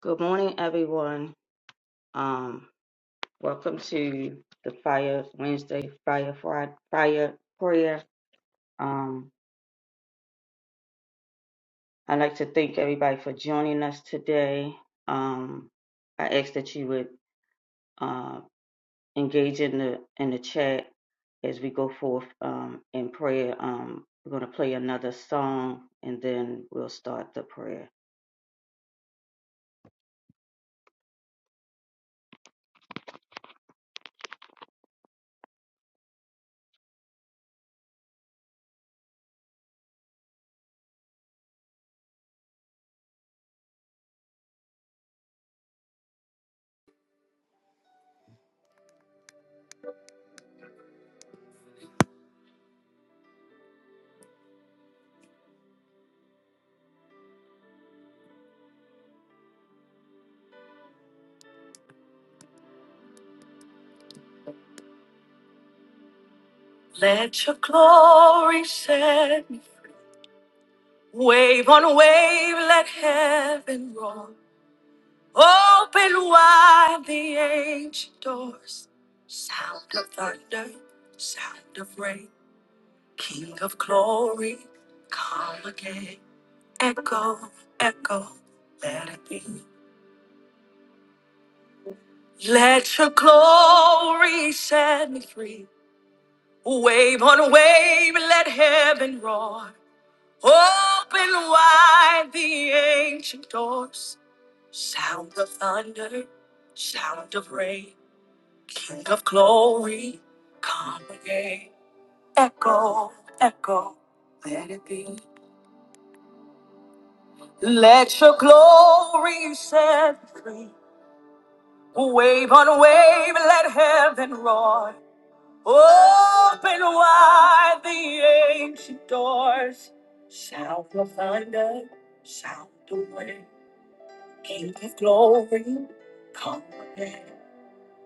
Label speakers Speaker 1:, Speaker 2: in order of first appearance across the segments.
Speaker 1: Good morning, everyone. Um, welcome to the Fire Wednesday Fire Friday Fire Prayer. Um, I'd like to thank everybody for joining us today. Um, I ask that you would uh, engage in the in the chat as we go forth um, in prayer. Um, we're going to play another song and then we'll start the prayer.
Speaker 2: Let your glory set me. free. Wave on wave, let heaven roar. Open wide the ancient doors. Sound of thunder, sound of rain. King of glory, come again. Echo, echo, let it be. Let your glory set me free. Wave on wave, let heaven roar. Open wide the ancient doors. Sound of thunder, sound of rain. King of glory, come again. Echo, echo, let it be. Let your glory set free. Wave on wave, let heaven roar. Open wide the ancient doors. Sound of thunder, sound of rain. King of glory, come again.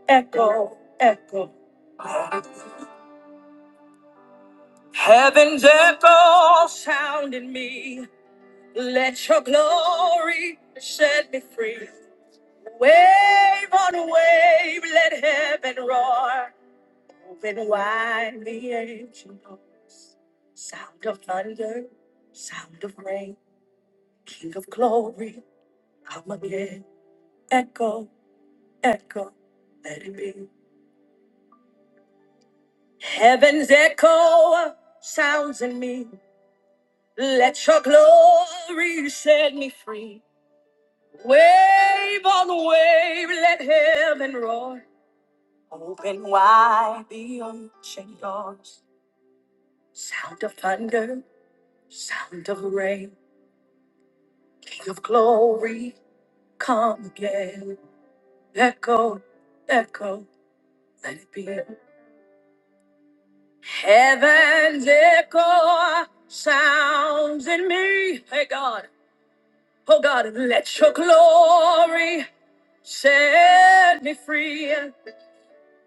Speaker 2: Echo, echo. Heaven's echo sound in me. Let your glory set me free. Wave on wave, let heaven roar. Open wide the ancient doors. Sound of thunder, sound of rain. King of glory, come again. Echo, echo, let it be. Heaven's echo sounds in me. Let your glory set me free. Wave on wave, let heaven roar. Open wide the ocean doors. Sound of thunder, sound of rain. King of glory, come again. Echo, echo, let it be. Heaven's echo sounds in me. Hey God. Oh God, let your glory set me free.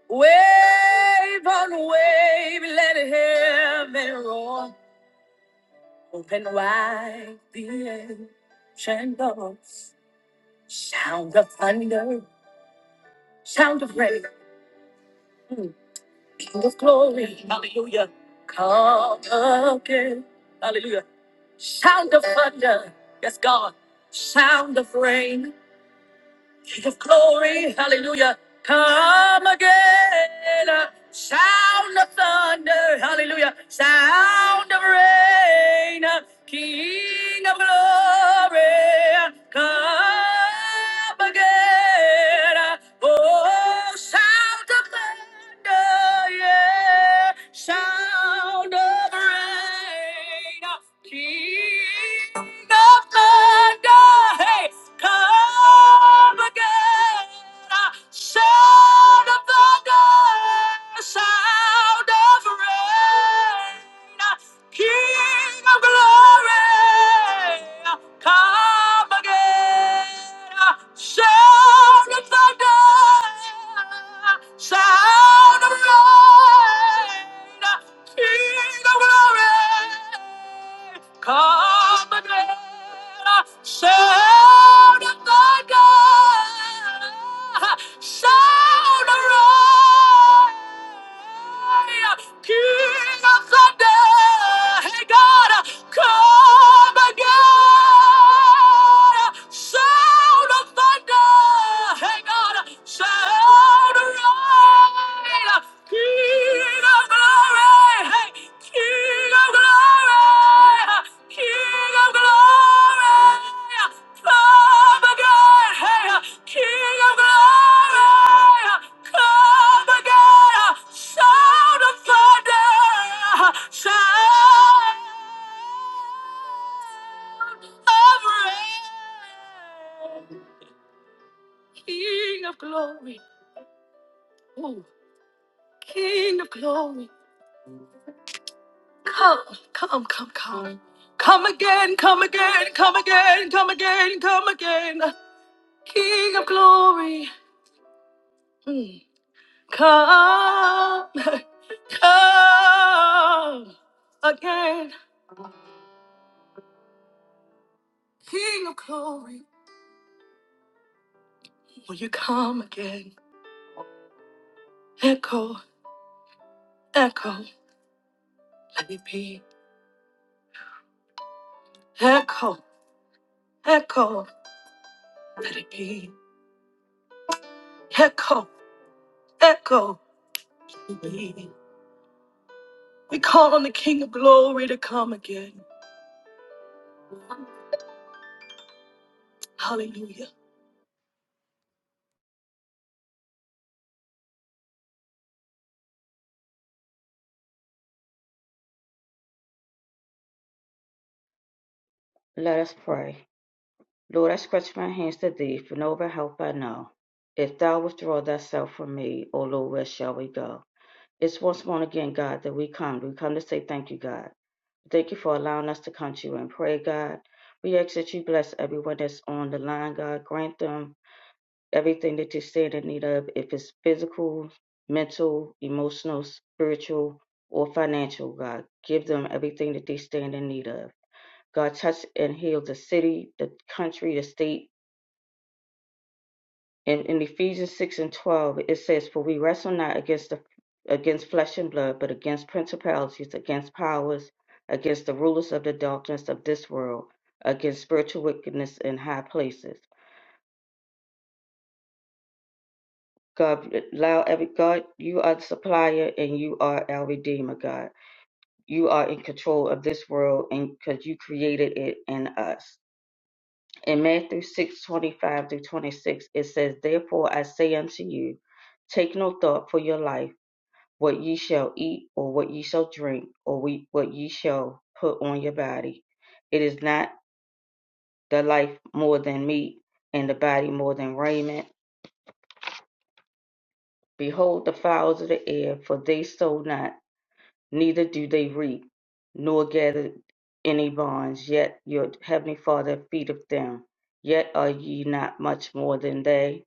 Speaker 2: Wave on wave, let heaven roar. Open wide the ancient doors. Sound of thunder, sound of rain. Mm. King of glory, hallelujah. Come again, hallelujah. Sound of thunder, yes, God. Sound of rain. King of glory, hallelujah. Come again. Sound of thunder, hallelujah. Sound of rain. King of glory, come again. Oh, sound of thunder, yeah. Sound of rain. King hey, Sound of thunder, sound of rain. King of glory, come again. Sound of thunder, sound of rain. King of glory, come again. Sound of thunder, sound of roar. King of thunder, hey God, come. Come again! Sound of thunder! Hey God! Sound of rain! King of glory! Hey! King of glory! King of glory! Oh my hey, King of glory, come again, sound of thunder, sound of rain. King of glory, oh, King of glory, come, come, come, come. Come again, come again, come again, come again, come again. King of glory. Mm. Come, come again, King of glory. Will you come again? Echo, echo, let it be. Echo, echo, let it be. Echo, echo, let it be. We call on the King of glory to come again. Hallelujah.
Speaker 1: Let us pray. Lord, I stretch my hands to thee, for no other help I know. If thou withdraw thyself from me, O Lord, where shall we go? It's once more again, God, that we come. We come to say thank you, God. Thank you for allowing us to come to you and pray, God. We ask that you bless everyone that's on the line, God. Grant them everything that they stand in need of, if it's physical, mental, emotional, spiritual, or financial, God. Give them everything that they stand in need of. God, touch and heal the city, the country, the state, in, in Ephesians 6 and 12, it says, For we wrestle not against the against flesh and blood, but against principalities, against powers, against the rulers of the darkness of this world, against spiritual wickedness in high places. God allow every God, you are the supplier and you are our redeemer, God. You are in control of this world and because you created it in us. In Matthew 6:25 25 through 26, it says, Therefore I say unto you, take no thought for your life what ye shall eat or what ye shall drink or we, what ye shall put on your body. It is not the life more than meat and the body more than raiment. Behold the fowls of the air, for they sow not, neither do they reap, nor gather any barns, yet your heavenly Father feedeth them. Yet are ye not much more than they.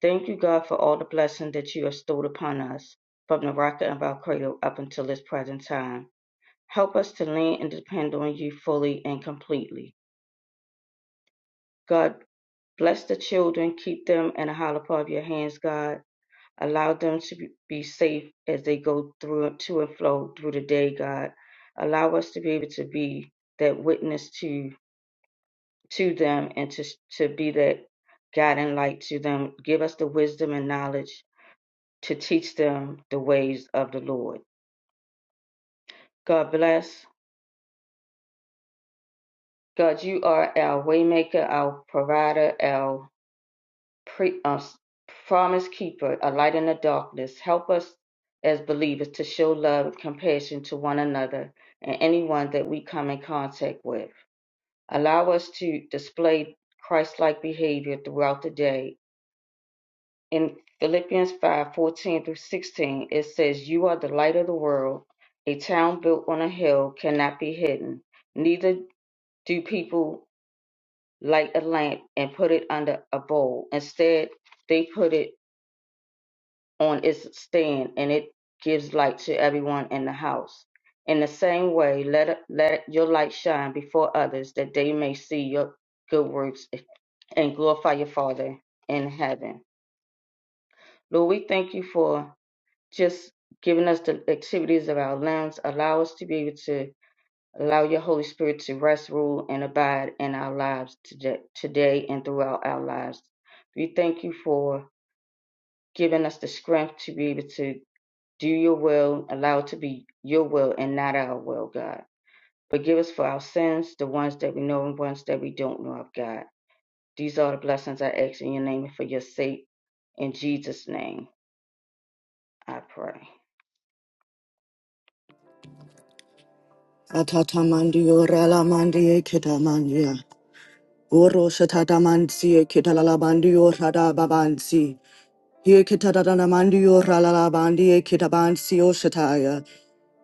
Speaker 1: Thank you, God, for all the blessings that you have bestowed upon us from the rocket of our cradle up until this present time. Help us to lean and depend on you fully and completely. God, bless the children, keep them in the hollow part of your hands, God. Allow them to be be safe as they go through to and flow through the day, God. Allow us to be able to be that witness to to them and to to be that guiding light to them. Give us the wisdom and knowledge to teach them the ways of the Lord. God bless. God, you are our waymaker, our provider, our pre- uh, promise keeper, a light in the darkness. Help us as believers to show love and compassion to one another and anyone that we come in contact with. Allow us to display Christ-like behavior throughout the day. In Philippians 5 14 through 16, it says, You are the light of the world. A town built on a hill cannot be hidden. Neither do people light a lamp and put it under a bowl. Instead, they put it on its stand and it gives light to everyone in the house. In the same way, let, it- let your light shine before others that they may see your good works and glorify your Father in heaven. Lord, we thank you for just giving us the activities of our limbs. Allow us to be able to allow your Holy Spirit to rest, rule, and abide in our lives today, today and throughout our lives. We thank you for giving us the strength to be able to do your will, allow to be your will and not our will, God. Forgive us for our sins, the ones that we know and ones that we don't know of, God. These are the blessings I ask in your name and for your sake. In Jesus' name, I pray.
Speaker 2: Atatamandio ralamandia kitamandia. Oro satatamansia kitalalabandio radababansi. Here kitadana mandio ralala bandia kitabansi oshataya.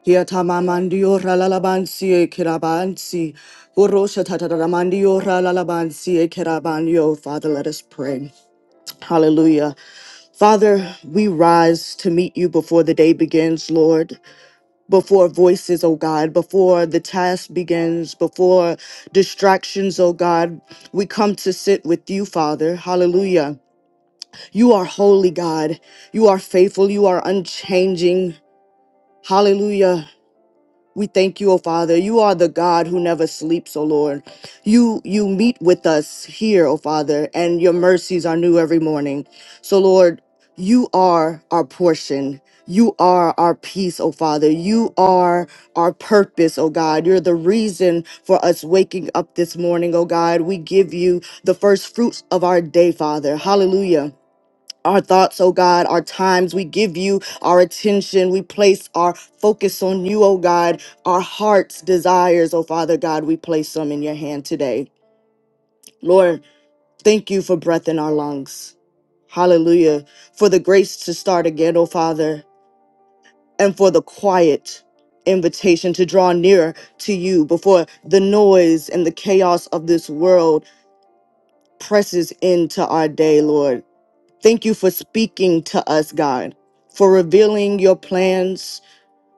Speaker 2: Here tamamandio ralala bansi kirabansi. Uroshatadana ralalabansi, ralala bansi kirabanio. Father, let us pray. Hallelujah. Father, we rise to meet you before the day begins, Lord. Before voices, O God, before the task begins, before distractions, O God, we come to sit with you, Father. Hallelujah. You are holy, God. You are faithful. You are unchanging. Hallelujah. We thank you, O Father. You are the God who never sleeps, O Lord. You you meet with us here, O Father, and your mercies are new every morning. So, Lord, you are our portion. You are our peace, O Father. You are our purpose, O God. You're the reason for us waking up this morning, O God. We give you the first fruits of our day, Father. Hallelujah our thoughts, oh God, our times. We give you our attention. We place our focus on you, oh God. Our heart's desires, oh Father God, we place them in your hand today. Lord, thank you for breath in our lungs. Hallelujah. For the grace to start again, oh Father, and for the quiet invitation to draw nearer to you before the noise and the chaos of this world presses into our day, Lord. Thank you for speaking to us, God, for revealing your plans,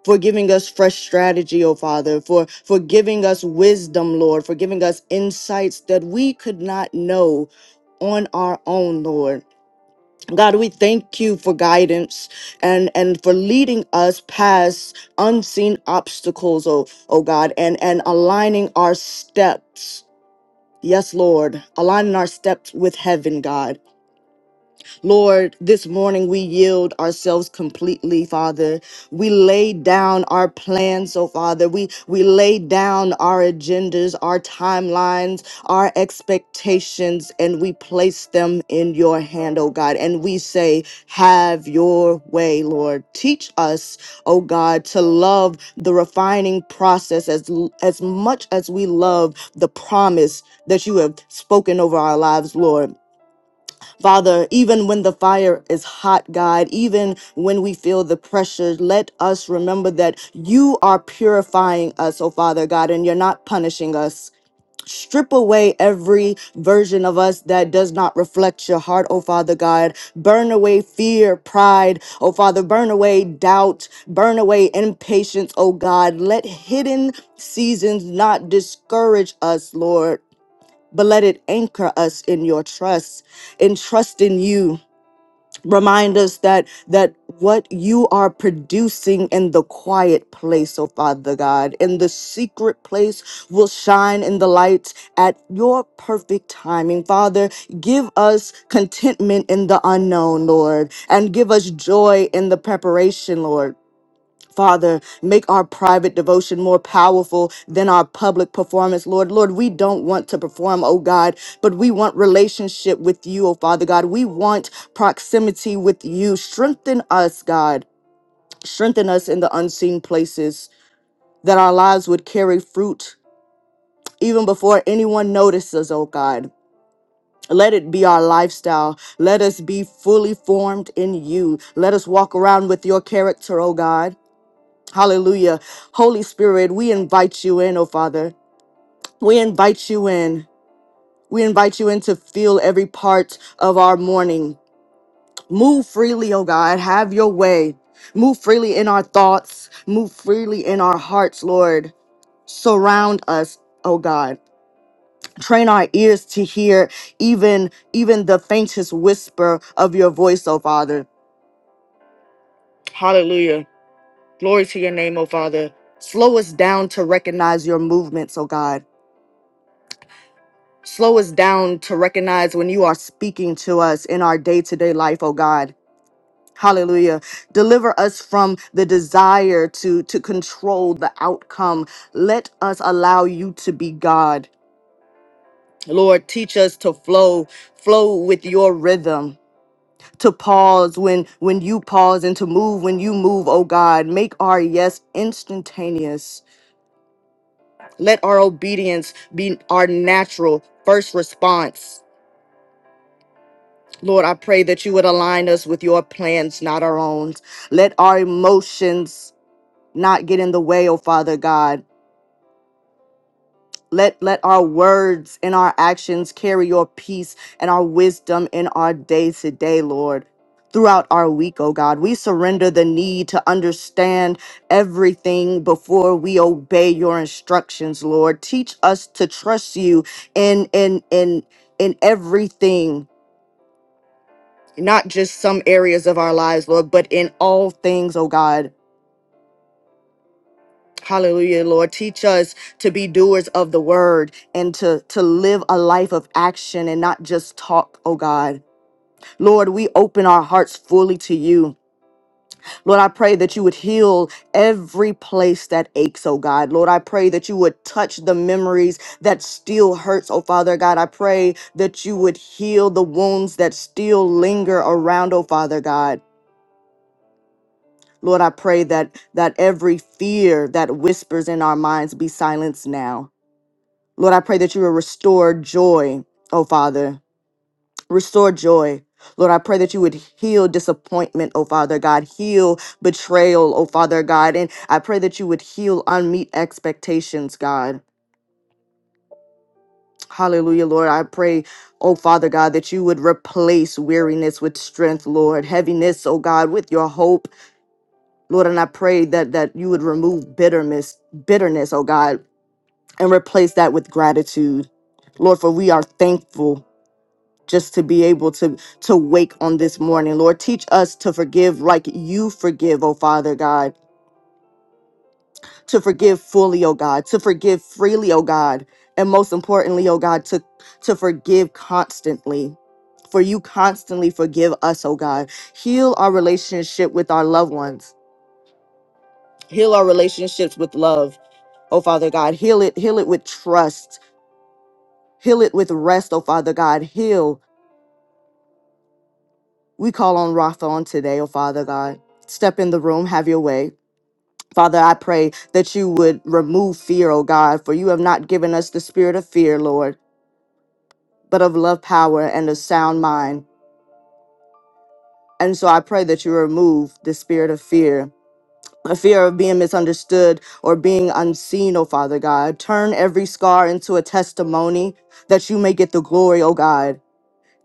Speaker 2: for giving us fresh strategy, oh Father, for, for giving us wisdom, Lord, for giving us insights that we could not know on our own, Lord. God, we thank you for guidance and, and for leading us past unseen obstacles, oh, oh God, and, and aligning our steps. Yes, Lord, aligning our steps with heaven, God. Lord, this morning we yield ourselves completely, Father. We lay down our plans, oh Father. We we lay down our agendas, our timelines, our expectations, and we place them in your hand, oh God. And we say, have your way, Lord. Teach us, oh God, to love the refining process as l- as much as we love the promise that you have spoken over our lives, Lord. Father, even when the fire is hot, God, even when we feel the pressure, let us remember that you are purifying us, oh Father God, and you're not punishing us. Strip away every version of us that does not reflect your heart, oh Father God. Burn away fear, pride, oh Father. Burn away doubt. Burn away impatience, oh God. Let hidden seasons not discourage us, Lord but let it anchor us in your trust in trust in you remind us that that what you are producing in the quiet place oh father god in the secret place will shine in the light at your perfect timing father give us contentment in the unknown lord and give us joy in the preparation lord Father, make our private devotion more powerful than our public performance, Lord. Lord, we don't want to perform, oh God, but we want relationship with you, oh Father God. We want proximity with you. Strengthen us, God. Strengthen us in the unseen places that our lives would carry fruit even before anyone notices, oh God. Let it be our lifestyle. Let us be fully formed in you. Let us walk around with your character, oh God. Hallelujah. Holy Spirit, we invite you in, oh Father. We invite you in. We invite you in to feel every part of our morning. Move freely, oh God. Have your way. Move freely in our thoughts. Move freely in our hearts, Lord. Surround us, oh God. Train our ears to hear even even the faintest whisper of your voice, oh Father. Hallelujah. Glory to your name, oh Father. Slow us down to recognize your movements, oh God. Slow us down to recognize when you are speaking to us in our day to day life, oh God. Hallelujah. Deliver us from the desire to, to control the outcome. Let us allow you to be God. Lord, teach us to flow, flow with your rhythm, to pause when when you pause and to move when you move, oh God. Make our yes instantaneous. Let our obedience be our natural first response Lord, I pray that you would align us with your plans, not our own. Let our emotions not get in the way, oh Father God. Let, let our words and our actions carry your peace and our wisdom in our day to day, Lord. Throughout our week, oh God, we surrender the need to understand everything before we obey your instructions, Lord. Teach us to trust you in in in in everything not just some areas of our lives, Lord, but in all things, oh God. Hallelujah, Lord. Teach us to be doers of the word and to, to live a life of action and not just talk, oh God. Lord, we open our hearts fully to you. Lord, I pray that you would heal every place that aches, oh God. Lord, I pray that you would touch the memories that still hurts, oh Father God. I pray that you would heal the wounds that still linger around, oh Father God. Lord, I pray that that every fear that whispers in our minds be silenced now. Lord, I pray that you will restore joy, oh Father. Restore joy. Lord, I pray that you would heal disappointment, oh Father God, heal betrayal, oh Father God, and I pray that you would heal unmet expectations, God. Hallelujah, Lord. I pray, oh Father God, that you would replace weariness with strength, Lord, heaviness, oh God, with your hope Lord, and I pray that that you would remove bitterness, bitterness, oh God, and replace that with gratitude. Lord, for we are thankful just to be able to to wake on this morning. Lord, teach us to forgive like you forgive, oh Father God, to forgive fully, oh God, to forgive freely, oh God, and most importantly, oh God, to to forgive constantly. For you constantly forgive us, oh God. Heal our relationship with our loved ones. Heal our relationships with love Oh, Father God, heal it, heal it with trust, heal it with rest, oh, Father God, heal. We call on Rapha on today, oh, Father God. Step in the room, have your way. Father, I pray that you would remove fear, oh God, for you have not given us the spirit of fear, Lord, but of love, power, and a sound mind. And so I pray that you remove the spirit of fear, a fear of being misunderstood or being unseen, oh Father God. Turn every scar into a testimony that you may get the glory, oh God.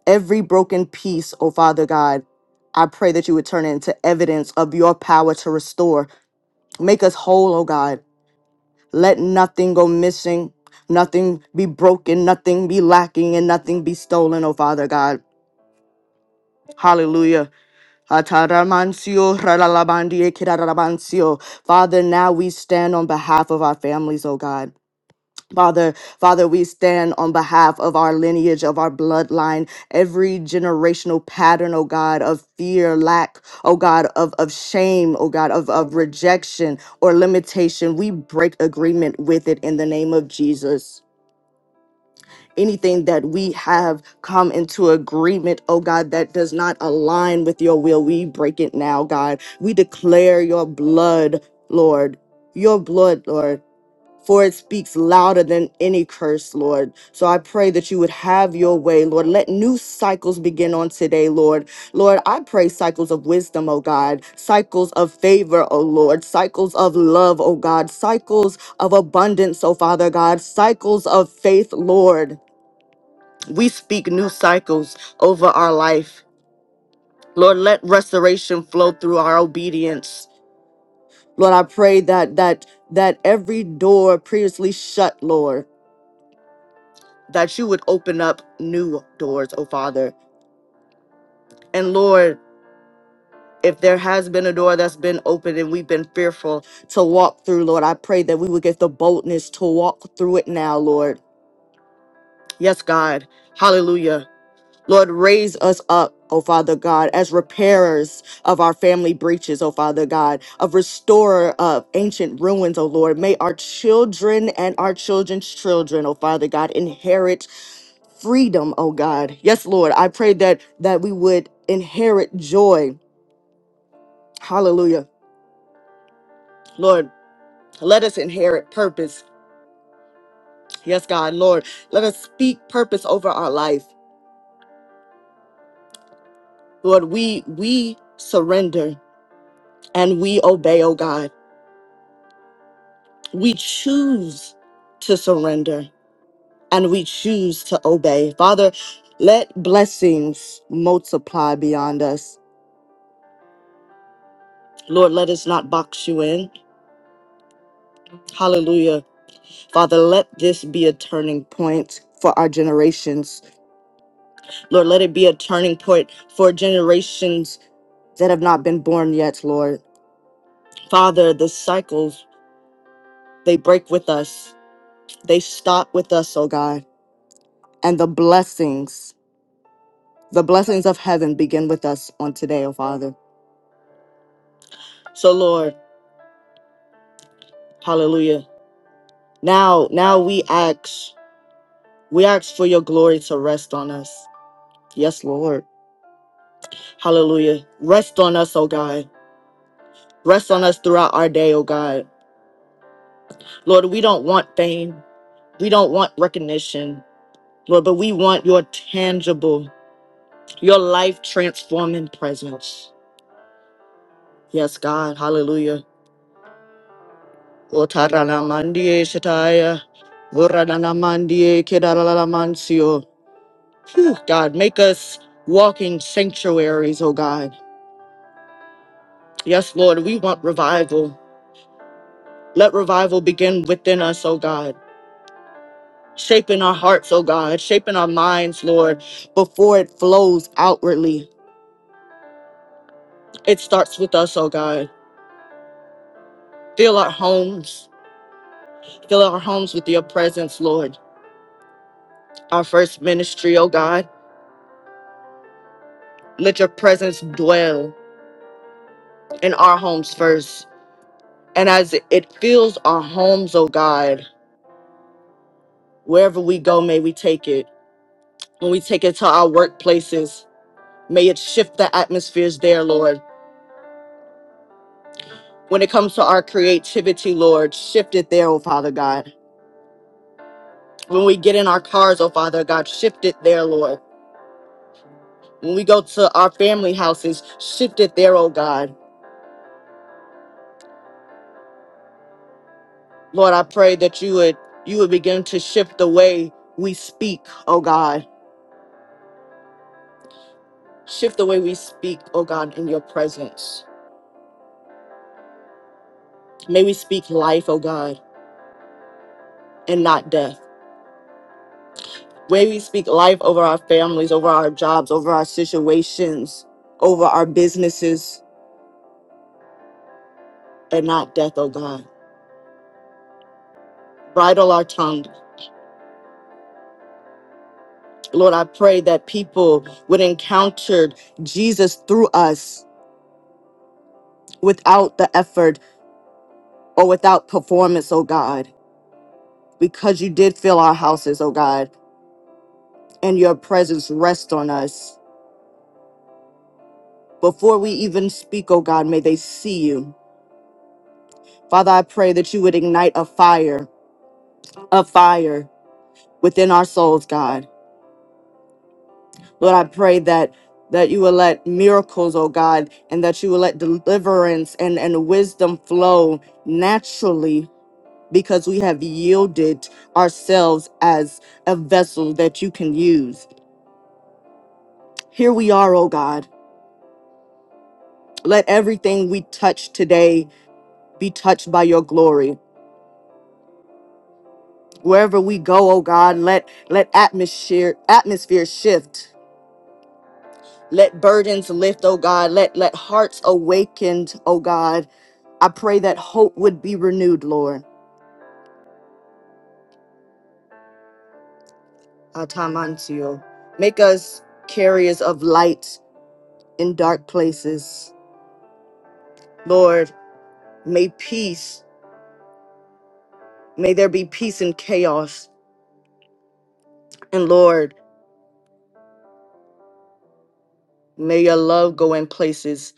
Speaker 2: Every broken piece, oh Father God, I pray that you would turn it into evidence of your power to restore. Make us whole, oh God. Let nothing go missing, nothing be broken, nothing be lacking, and nothing be stolen, oh Father God. Hallelujah. Ataramansio, raralabandio, kiraralabansio. Father, now we stand on behalf of our families, oh God. Father, Father, we stand on behalf of our lineage, of our bloodline, every generational pattern, oh God, of fear, lack, oh God, of, of shame, oh God, of, of rejection or limitation. We break agreement with it in the name of Jesus. Anything that we have come into agreement, oh God, that does not align with your will, we break it now, God. We declare your blood, Lord. Your blood, Lord for it speaks louder than any curse, Lord. So I pray that you would have your way, Lord. Let new cycles begin on today, Lord. Lord, I pray cycles of wisdom, oh God, cycles of favor, oh Lord, cycles of love, oh God, cycles of abundance, oh Father God, cycles of faith, Lord. We speak new cycles over our life. Lord, let restoration flow through our obedience. Lord, I pray that that that every door previously shut, Lord. that you would open up new doors, oh Father. And Lord, if there has been a door that's been opened and we've been fearful to walk through, Lord, I pray that we would get the boldness to walk through it now, Lord. Yes, God. Hallelujah. Lord, raise us up, O Father God, as repairers of our family breaches, O Father God, of restorer of ancient ruins, O Lord. May our children and our children's children, O Father God, inherit freedom, oh God. Yes, Lord, I pray that that we would inherit joy. Hallelujah. Lord, let us inherit purpose. Yes, God, Lord, let us speak purpose over our life. Lord, we we surrender and we obey, oh God. we choose to surrender and we choose to obey. Father, let blessings multiply beyond us. Lord, let us not box you in. Hallelujah. Father, let this be a turning point for our generations. Lord, let it be a turning point for generations that have not been born yet, Lord. Father, the cycles, they break with us. They stop with us, oh God. And the blessings The blessings of heaven begin with us on today, oh Father. So Lord, hallelujah. Now, now we ask, we ask for your glory to rest on us. Yes, Lord. Hallelujah. Rest on us, oh God. Rest on us throughout our day, oh God. Lord, we don't want fame. We don't want recognition. Lord, but we want your tangible, your life transforming presence. Yes, God. Hallelujah. Otarana mandie shataya. Vurana mandie kedarala mansio. Whew, God, make us walking sanctuaries, oh God. Yes, Lord, we want revival. Let revival begin within us, oh God. Shaping our hearts, oh God, shaping our minds, Lord, before it flows outwardly. It starts with us, oh God. Fill our homes. Fill our homes with your presence, Lord. Our first ministry, oh God. Let your presence dwell in our homes first. And as it fills our homes, oh God, wherever we go, may we take it. When we take it to our workplaces, may it shift the atmospheres there, Lord. When it comes to our creativity, Lord, shift it there, oh Father God. When we get in our cars, oh Father God, shift it there, Lord. When we go to our family houses, shift it there, oh God. Lord, I pray that you would you would begin to shift the way we speak, oh God. Shift the way we speak, oh God, in your presence May we speak life, oh God, and not death. May we speak life over our families, over our jobs, over our situations, over our businesses, and not death, oh God. Bridle our tongue. Lord, I pray that people would encounter Jesus through us without the effort or without performance, oh God, because you did fill our houses, oh God, and your presence rests on us. Before we even speak, oh God, may they see you. Father, I pray that you would ignite a fire, a fire within our souls, God. Lord, I pray that that you will let miracles, oh God, and that you will let deliverance and, and wisdom flow naturally because we have yielded ourselves as a vessel that you can use. Here we are, oh God. Let everything we touch today be touched by your glory. Wherever we go, oh God, let let atmosphere atmosphere shift Let burdens lift, oh God. Let let hearts awakened, oh God. I pray that hope would be renewed, Lord. Atamantio. Make us carriers of light in dark places. Lord, may peace, may there be peace in chaos. And Lord, may your love go in places,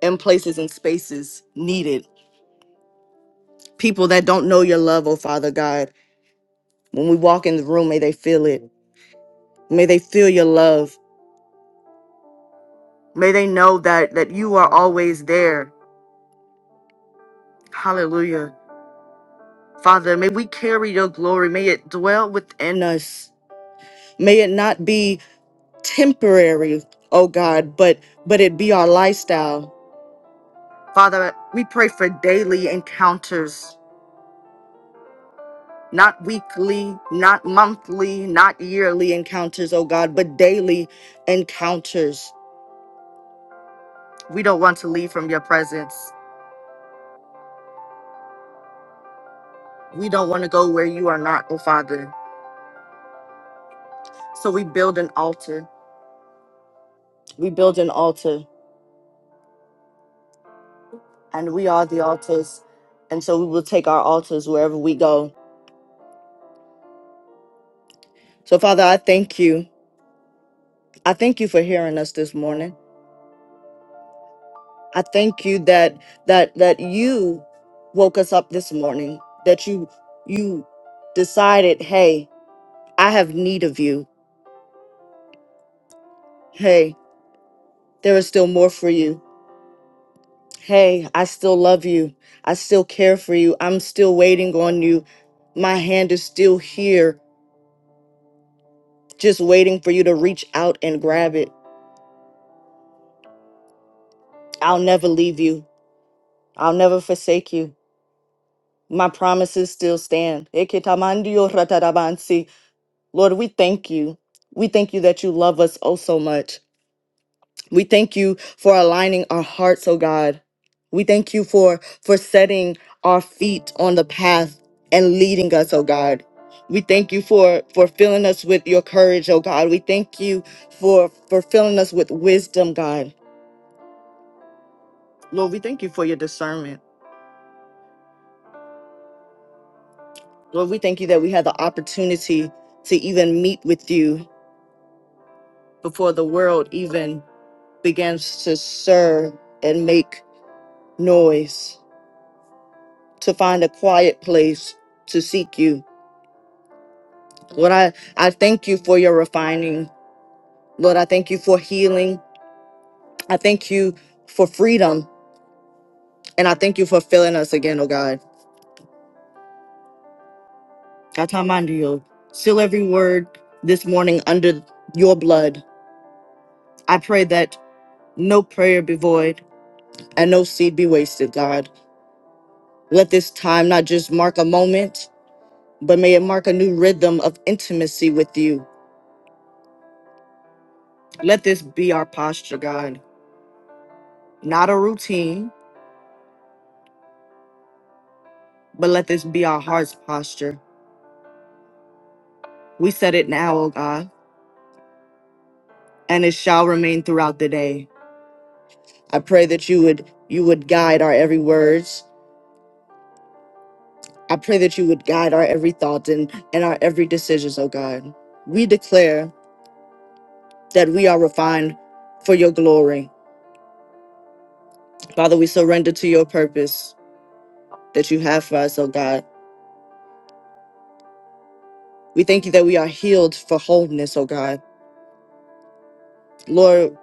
Speaker 2: in places and spaces needed. People that don't know your love, oh Father God, when we walk in the room, may they feel it. May they feel your love. May they know that that you are always there. Hallelujah. Father, may we carry your glory. May it dwell within us. May it not be temporary, oh God, but but it be our lifestyle. Father, we pray for daily encounters, not weekly, not monthly, not yearly encounters, oh God, but daily encounters. We don't want to leave from your presence. We don't want to go where you are not, oh Father. So we build an altar we build an altar and we are the altars and so we will take our altars wherever we go so father i thank you i thank you for hearing us this morning i thank you that that that you woke us up this morning that you you decided hey i have need of you hey there is still more for you hey i still love you i still care for you i'm still waiting on you my hand is still here just waiting for you to reach out and grab it I'll never leave you. I'll never forsake you. My promises still stand. Ekitamandio ratarabansi. Lord, we thank you. We thank you that you love us oh so much. We thank you for aligning our hearts, oh God. We thank you for for setting our feet on the path and leading us, oh God. We thank you for for filling us with your courage, oh God. We thank you for for filling us with wisdom, God. Lord, we thank you for your discernment. Lord, we thank you that we had the opportunity to even meet with you before the world even begins to stir and make noise, to find a quiet place to seek you. Lord, I, I thank you for your refining. Lord, I thank you for healing. I thank you for freedom. And I thank you for filling us again, oh God. Katamandio. Seal every word this morning under your blood. I pray that no prayer be void and no seed be wasted, God. Let this time not just mark a moment, but may it mark a new rhythm of intimacy with you. Let this be our posture, God. Not a routine, but let this be our heart's posture. We set it now, oh God, and it shall remain throughout the day. I pray that you would you would guide our every words. I pray that you would guide our every thought and, and our every decisions, oh God. We declare that we are refined for your glory. Father, we surrender to your purpose that you have for us, oh God. We thank you that we are healed for wholeness, oh God. Lord,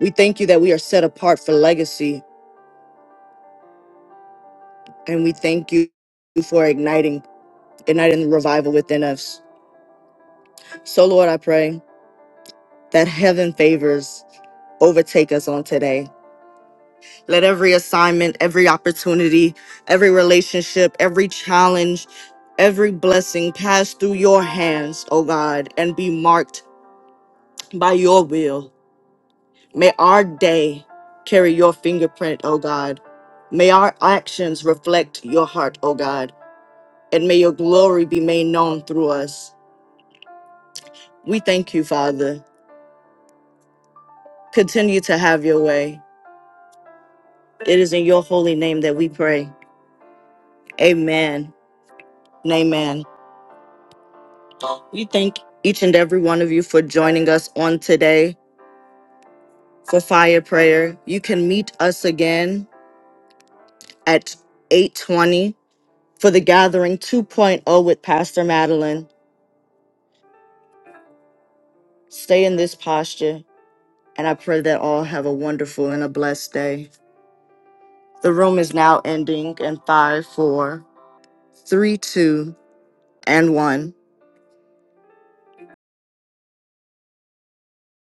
Speaker 2: we thank you that we are set apart for legacy, and we thank you for igniting, igniting the revival within us. So, Lord, I pray that heaven favors overtake us on today. Let every assignment, every opportunity, every relationship, every challenge, every blessing pass through your hands, oh God, and be marked by your will. May our day carry your fingerprint, O God. May our actions reflect your heart, O God, and may your glory be made known through us. We thank you, Father. Continue to have your way. It is in your holy name that we pray. Amen. And amen. We thank each and every one of you for joining us on today for fire prayer. You can meet us again at 8:20 for the gathering 2.0 with Pastor Madeline. Stay in this posture, and I pray that all have a wonderful and a blessed day. The room is now ending in five, four, three, two, and one.